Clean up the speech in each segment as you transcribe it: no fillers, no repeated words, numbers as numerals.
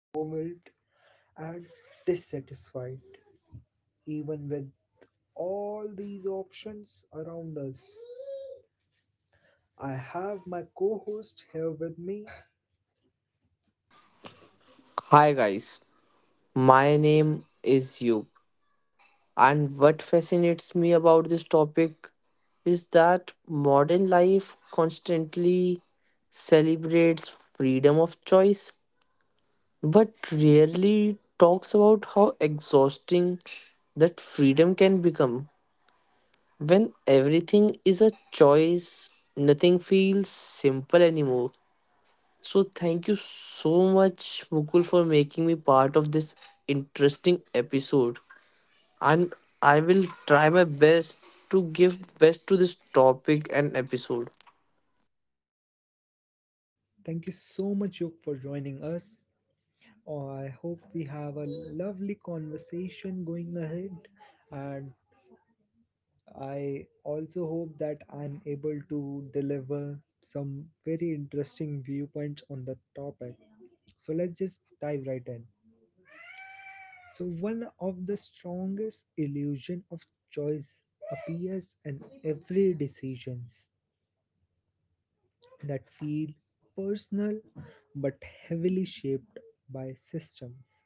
overwhelmed, and dissatisfied, even with all these options around us. I have my co host here with me. Hi guys, my name is Yub, and what fascinates me about this topic is that modern life constantly celebrates freedom of choice, but rarely talks about how exhausting that freedom can become. When everything is a choice, nothing feels simple anymore. So, thank you so much, Mukul, for making me part of this interesting episode. And I will try my best to give best to this topic and episode. Thank you so much, Yuk, for joining us. Oh, I hope we have a lovely conversation going ahead. And. I also hope that I'm able to deliver some very interesting viewpoints on the topic. So let's just dive right in. So, one of the strongest illusion of choice appears in every decisions that feel personal but heavily shaped by systems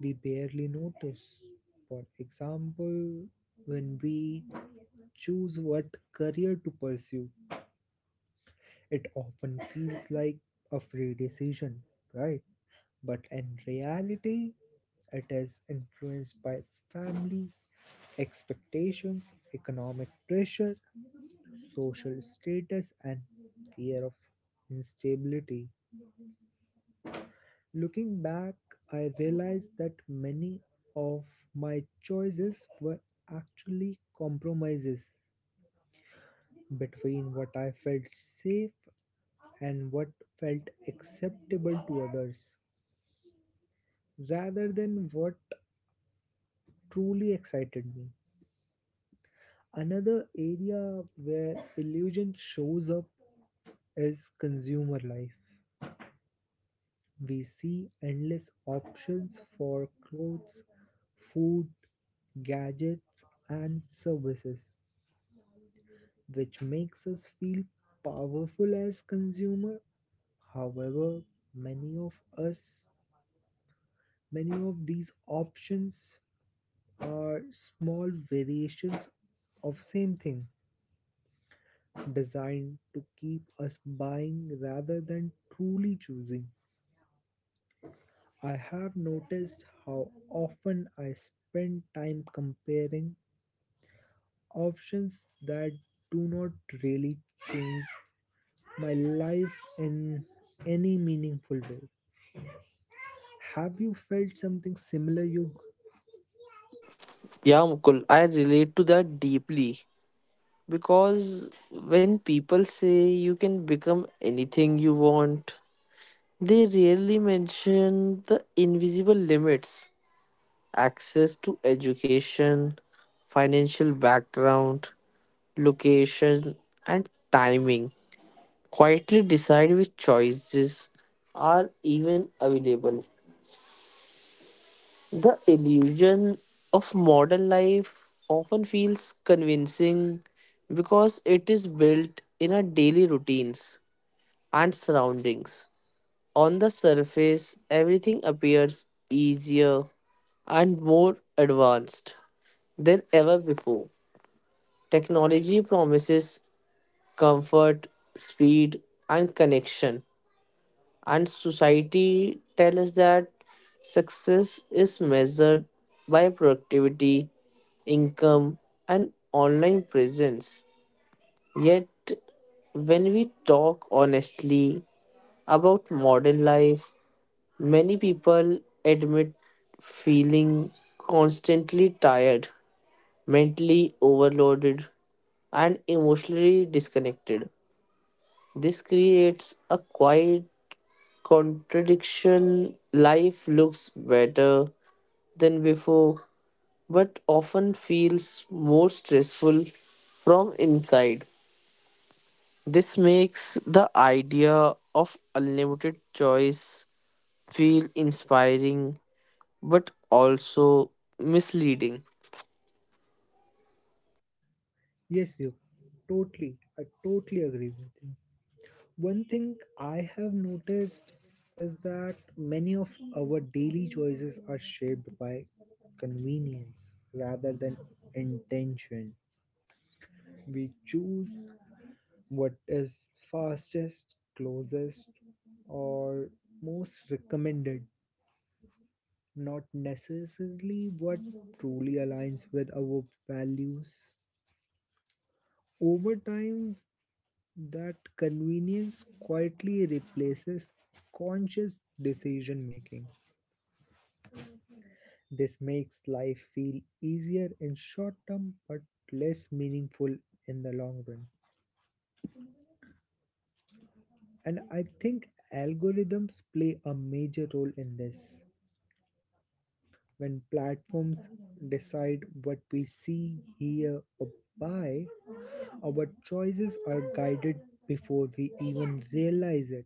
we barely notice. For example, when we choose what career to pursue, it often feels like a free decision, right? But in reality, it is influenced by family expectations, economic pressure, social status, and fear of instability. Looking back, I realized that many of my choices were actually compromises between what I felt safe and what felt acceptable to others, rather than what truly excited me. Another area where illusion shows up is consumer life. We see endless options for clothes, food, gadgets, and services, which makes us feel powerful as consumer. However, many of us, many of these options are small variations of same thing designed to keep us buying rather than truly choosing. I have noticed how often I spend time comparing options that do not really change my life in any meaningful way. Have you felt something similar, Yug? Yeah, Mukul, I relate to that deeply because when people say you can become anything you want, they rarely mention the invisible limits: access to education, financial background, location, and timing. Quietly decide which choices are even available. The illusion of modern life often feels convincing because it is built in our daily routines and surroundings. On the surface, everything appears easier and more advanced than ever before. Technology promises comfort, speed, and connection, and society tells us that success is measured by productivity, income, and online presence. Yet when we talk honestly about modern life, many people admit feeling constantly tired, mentally overloaded, and emotionally disconnected. This creates a quiet contradiction. Life looks better than before, but often feels more stressful from inside. This makes the idea of unlimited choice feel inspiring but also misleading. Yes, Yug. Totally. I totally agree with you. One thing I have noticed is that many of our daily choices are shaped by convenience rather than intention. We choose what is fastest, closest, or most recommended, not necessarily what truly aligns with our values. Over time, that convenience quietly replaces conscious decision making. This makes life feel easier in short term but less meaningful in the long run. And I think algorithms play a major role in this. When platforms decide what we see, hear, or buy, our choices are guided before we even realize it.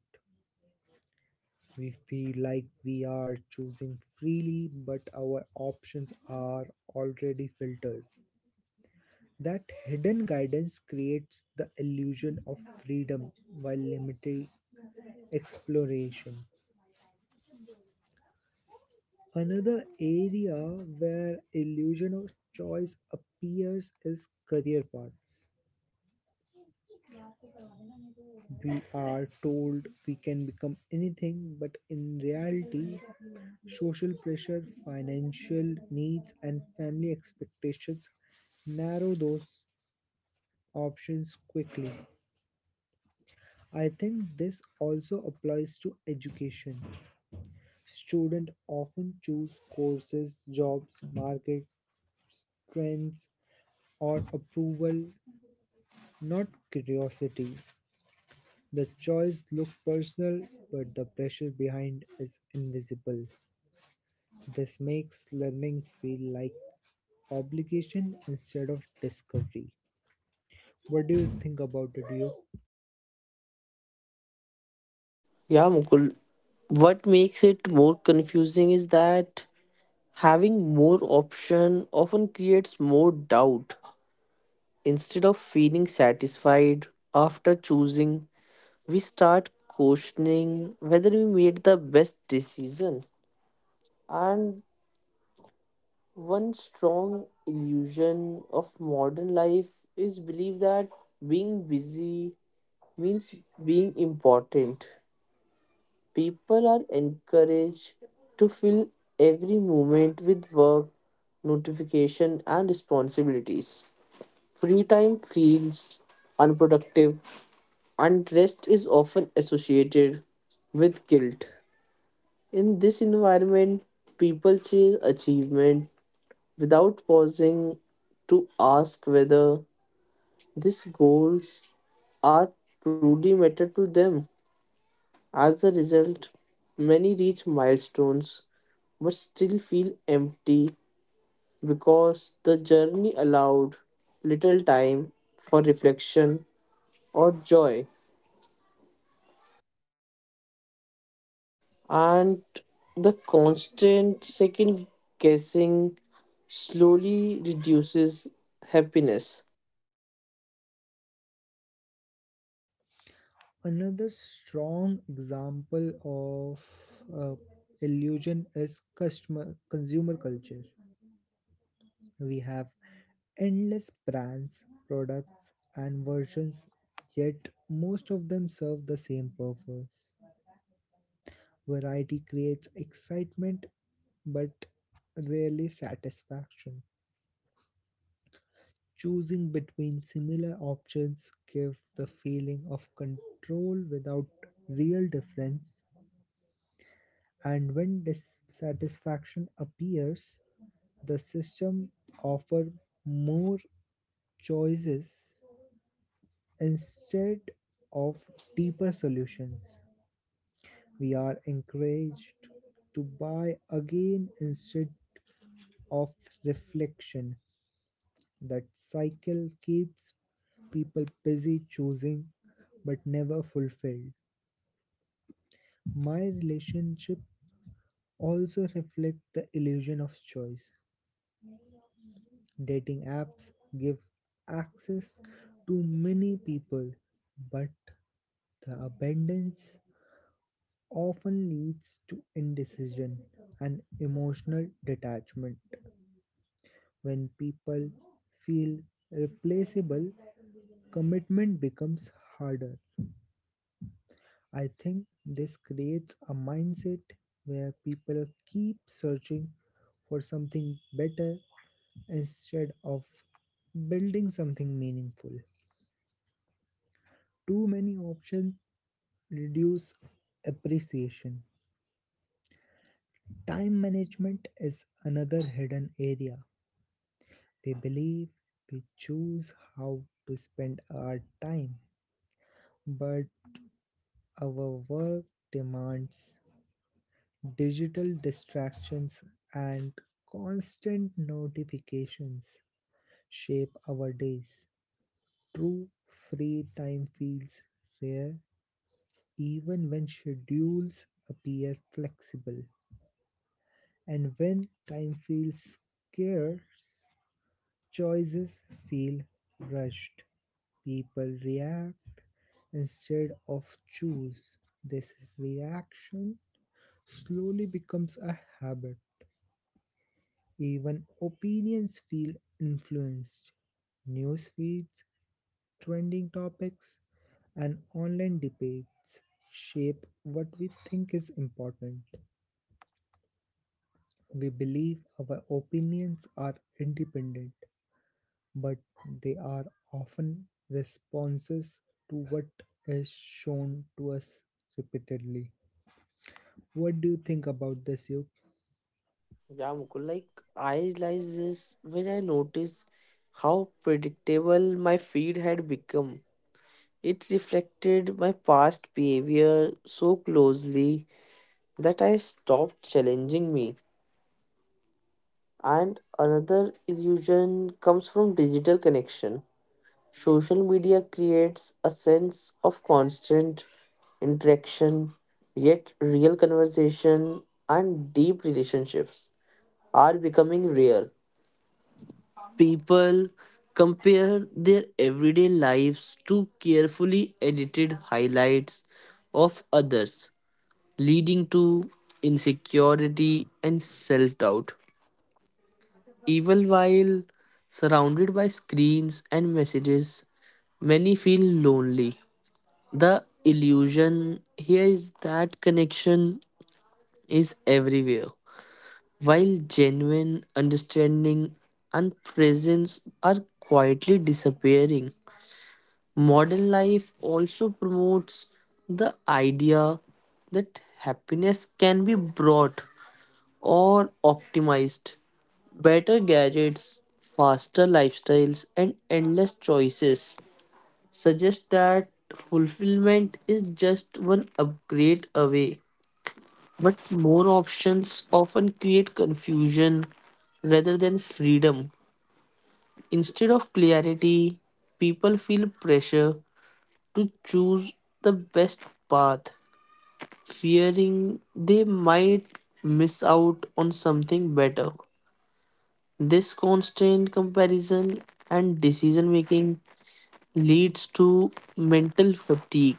We feel like we are choosing freely, but our options are already filtered. That hidden guidance creates the illusion of freedom while limiting exploration. Another area where illusion of choice appears is career paths. We are told we can become anything, but in reality, social pressure, financial needs, and family expectations narrow those options quickly. I think this also applies to education. Students often choose courses, jobs, market trends, or approval, not curiosity. The choice looks personal, but the pressure behind is invisible. This makes learning feel like obligation instead of discovery. What do you think about it, you? Yeah, Mukul. What makes it more confusing is that having more option often creates more doubt. Instead of feeling satisfied after choosing, we start questioning whether we made the best decision. And one strong illusion of modern life is belief that being busy means being important. People are encouraged to fill every moment with work, notification, and responsibilities. Free time feels unproductive and is often associated with guilt. In this environment, people chase achievement without pausing to ask whether these goals are truly matter to them. As a result, many reach milestones but still feel empty because the journey allowed little time for reflection or joy. And the constant second guessing slowly reduces happiness. Another strong example of uh, illusion is customer consumer culture. We have endless brands, products, and versions, yet most of them serve the same purpose. Variety creates excitement but rarely satisfaction. Choosing between similar options give the feeling of control without real difference, and when dissatisfaction appears, the system offers more choices instead of deeper solutions. We are encouraged to buy again instead of reflection. That cycle keeps people busy choosing but never fulfilled. My relationship also reflect the illusion of choice. Dating apps give access to many people, but the abundance often leads to indecision and emotional detachment. When people feel replaceable, commitment becomes harder. I think this creates a mindset where people keep searching for something better instead of building something meaningful. Too many options reduce appreciation. Time management is another hidden area. We believe we choose how to spend our time, but our work demands, digital distractions, and constant notifications shape our days. True free time feels rare even when schedules appear flexible. And when time feels scarce, choices feel rushed. People react instead of choose. This reaction slowly becomes a habit. Even opinions feel influenced. News feeds, trending topics, and online debates shape what we think is important. We believe our opinions are independent, but they are often responses to what is shown to us repeatedly. What do you think about this, Yog? Yeah, Mukul, like I realized this when I noticed how predictable my feed had become. It reflected my past behavior so closely that I stopped challenging me. And another illusion comes from digital connection. Social media creates a sense of constant interaction, yet real conversation and deep relationships are becoming rare. People compare their everyday lives to carefully edited highlights of others, leading to insecurity and self doubt. Even while surrounded by screens and messages, many feel lonely. The illusion here is that connection is everywhere, while genuine understanding and presence are quietly disappearing. Modern life also promotes the idea that happiness can be brought or optimized. Better gadgets, faster lifestyles, and endless choices suggests that fulfillment is just one upgrade away. But more options often create confusion rather than freedom. Instead of clarity, people feel pressure to choose the best path, fearing they might miss out on something better. This constant comparison and decision making leads to mental fatigue.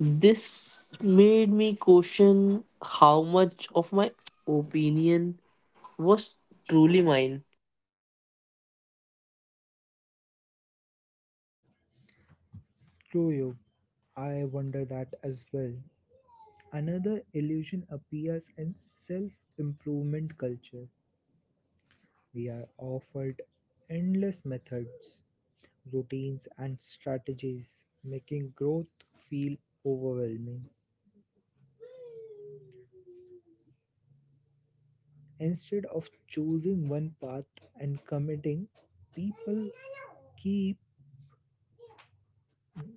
This made me question how much of my opinion was truly mine. True, Yog. I wonder that as well. Another illusion appears in self improvement culture. We are offered endless methods, routines, and strategies, making growth feel overwhelming. Instead of choosing one path and committing, people keep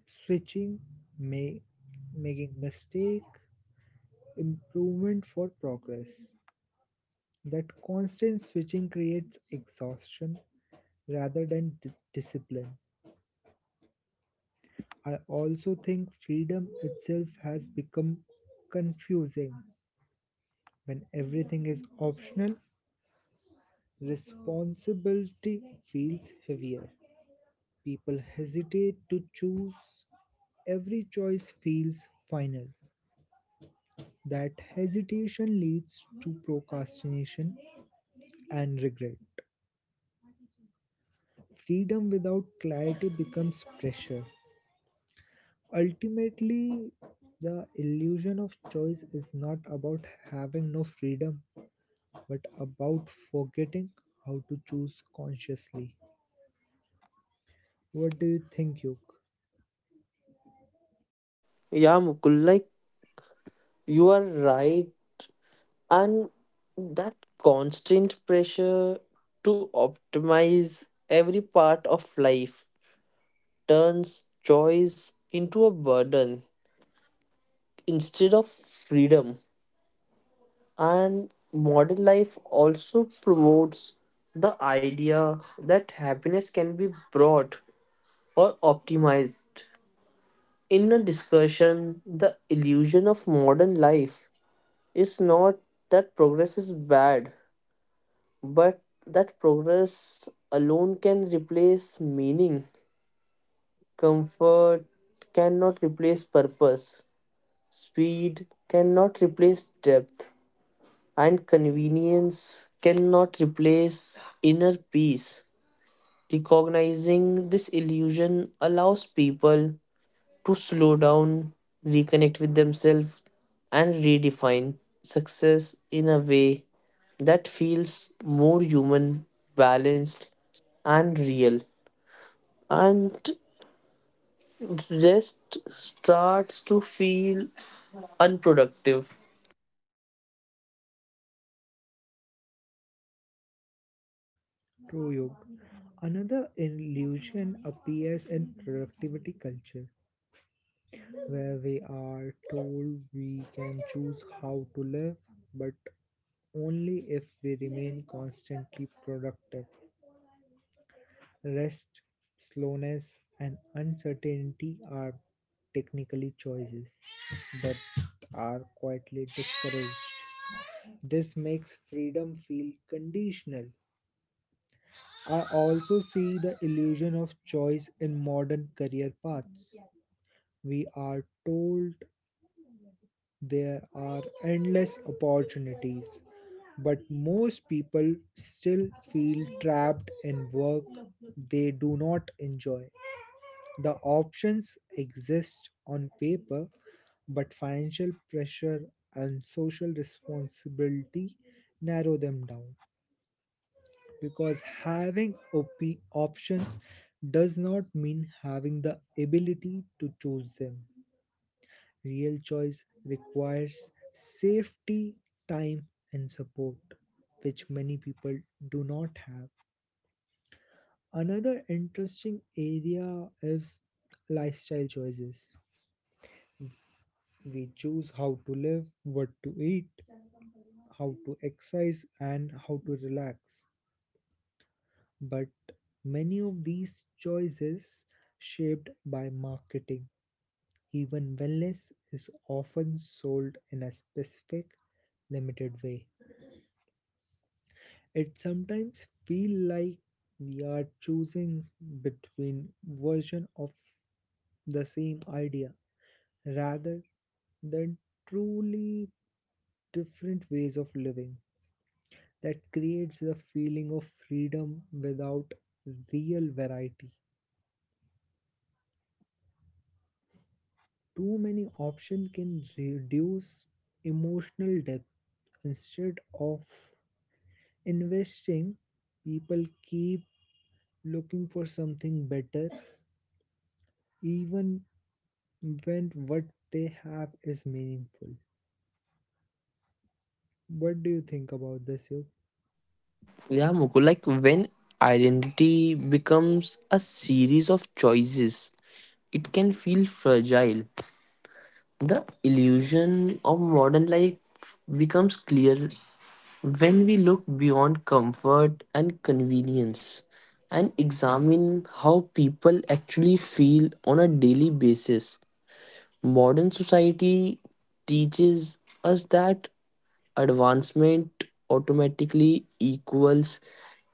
switching, ma- making mistake, improvement for progress. That constant switching creates exhaustion rather than discipline. I also think freedom itself has become confusing. When everything is optional, responsibility feels heavier. People hesitate to choose. Every choice feels final. That hesitation leads to procrastination and regret. Freedom without clarity becomes pressure. Ultimately, the illusion of choice is not about having no freedom, but about forgetting how to choose consciously. What do you think, Yuk? Yeah, Mukul, like you are right, and that constant pressure to optimize every part of life turns choice into a burden instead of freedom. And modern life also promotes the idea that happiness can be brought or optimized. In a discussion, the illusion of modern life is not that progress is bad, but that progress alone can replace meaning. Comfort cannot replace purpose. Speed cannot replace depth. And convenience cannot replace inner peace. Recognizing this illusion allows people to slow down, reconnect with themselves, and redefine success in a way that feels more human, balanced, and real. And rest starts to feel unproductive. True, Yog. Another illusion appears in productivity culture, where we are told we can choose how to live, but only if we remain constantly productive. Rest, slowness, and uncertainty are technically choices, but are quietly discouraged. This makes freedom feel conditional. I also see the illusion of choice in modern career paths. We are told there are endless opportunities, but most people still feel trapped in work they do not enjoy. The options exist on paper, but financial pressure and social responsibility narrow them down, because having options does not mean having the ability to choose them. Real choice requires safety, time, and support, which many people do not have. Another interesting area is lifestyle choices. We choose how to live, what to eat, how to exercise, and how to relax, but many of these choices shaped by marketing. Even wellness is often sold in a specific limited way. It sometimes feel like we are choosing between version of the same idea rather than truly different ways of living. That creates the feeling of freedom without real variety. Too many options can reduce emotional depth. Instead of investing, people keep looking for something better, even when what they have is meaningful. What do you think about this, Yuk? Yeah, Mukul, like when identity becomes a series of choices, it can feel fragile. The illusion of modern life becomes clear. When we look beyond comfort and convenience and examine how people actually feel on a daily basis, modern society teaches us that advancement automatically equals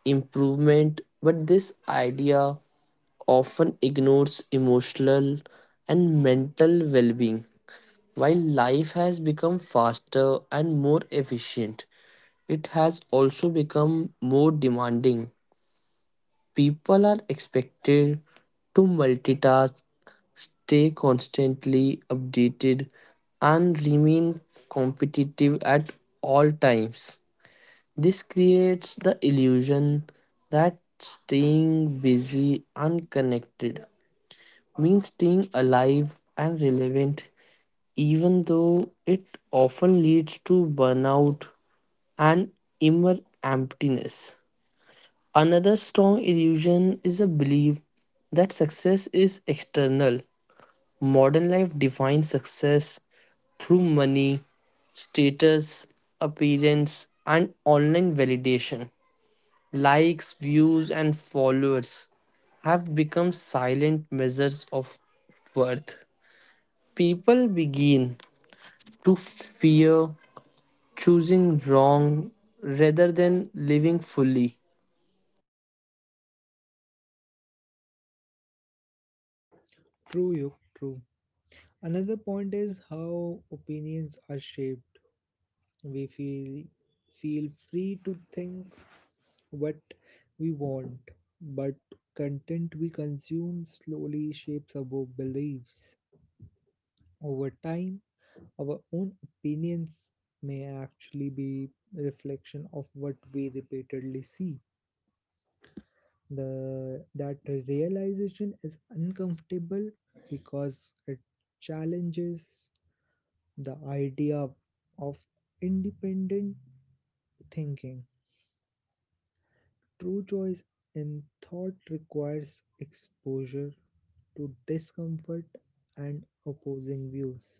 improvement, but this idea often ignores emotional and mental well being. While life has become faster and more efficient, it has also become more demanding. People are expected to multitask, stay constantly updated, and remain competitive at all times. This creates the illusion that staying busy and connected means staying alive and relevant, even though it often leads to burnout and inner emptiness. Another strong illusion is a belief that success is external. Modern life defines success through money, status, appearance, and online validation. Likes, views, and followers have become silent measures of worth. People begin to fear choosing wrong rather than living fully. True, Yuk, true. Another point is how opinions are shaped. We feel free to think what we want, but content we consume slowly shapes our beliefs. Over time, our own opinions may actually be reflection of what we repeatedly see. The that realization is uncomfortable because it challenges the idea of independent thinking. True choice in thought requires exposure to discomfort and opposing views.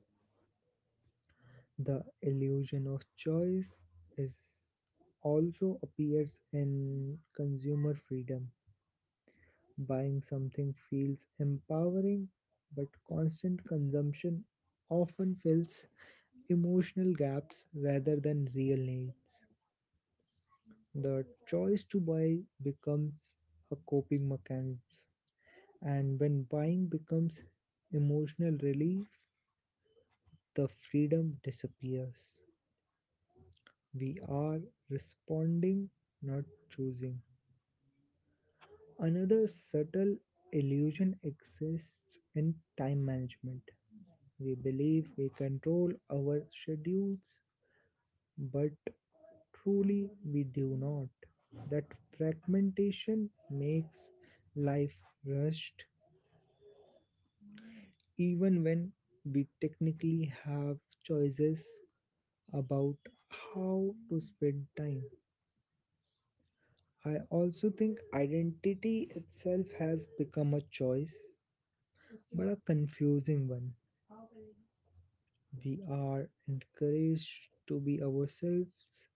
The illusion of choice is also appears in consumer freedom. Buying something feels empowering, but constant consumption often fills emotional gaps rather than real needs. The choice to buy becomes a coping mechanism. And when buying becomes emotional relief, the freedom disappears. We are responding, not choosing. Another subtle illusion exists in time management. We believe we control our schedules, but truly we do not. That fragmentation makes life rushed, even when we technically have choices about how to spend time. I also think identity itself has become a choice, but a confusing one. We are encouraged to be ourselves,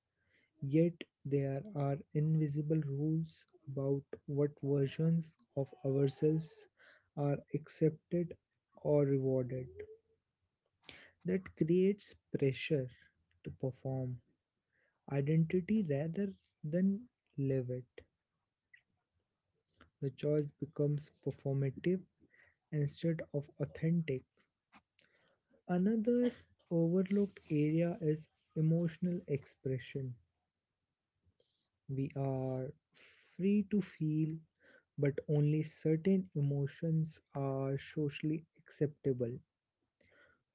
yet there are invisible rules about what versions of ourselves are accepted or rewarded. That creates pressure to perform identity rather than live it. The choice becomes performative instead of authentic. Another overlooked area is emotional expression. We are free to feel, but only certain emotions are socially acceptable.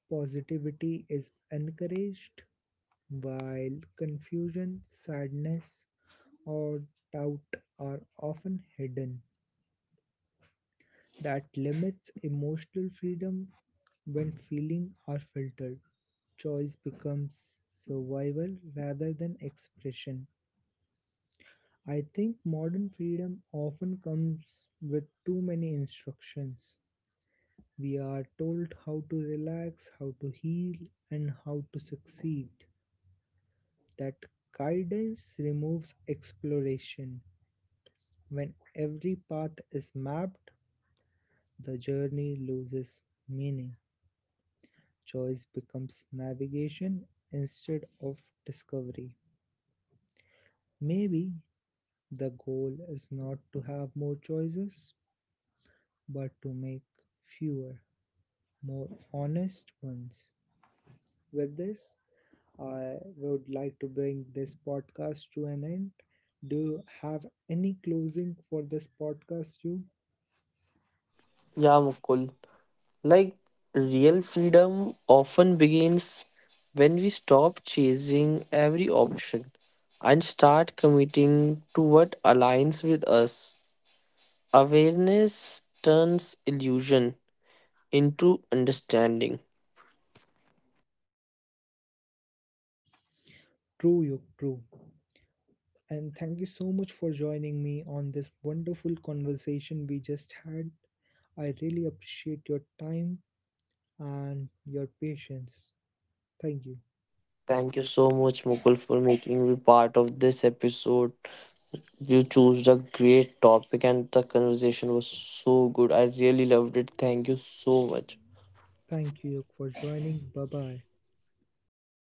Positivity is encouraged, while confusion, sadness, or doubt are often hidden. That limits emotional freedom. When feelings are filtered, choice becomes survival rather than expression. I think modern freedom often comes with too many instructions. We are told how to relax, how to heal, and how to succeed. That guidance removes exploration. When every path is mapped, the journey loses meaning. Choice becomes navigation instead of discovery. Maybe the goal is not to have more choices, but to make fewer, more honest ones. With this, I would like to bring this podcast to an end. Do you have any closing for this podcast, you? Yeah, Mukul. Like real freedom often begins when we stop chasing every option and start committing to what aligns with us. Awareness turns illusion into understanding. True, you, true. And thank you so much for joining me on this wonderful conversation we just had. I really appreciate your time and your patience. Thank you. Thank you so much, Mukul, for making me part of this episode. You chose the great topic, and the conversation was so good. I really loved it. Thank you so much. Thank you for joining. Bye bye. Bye bye.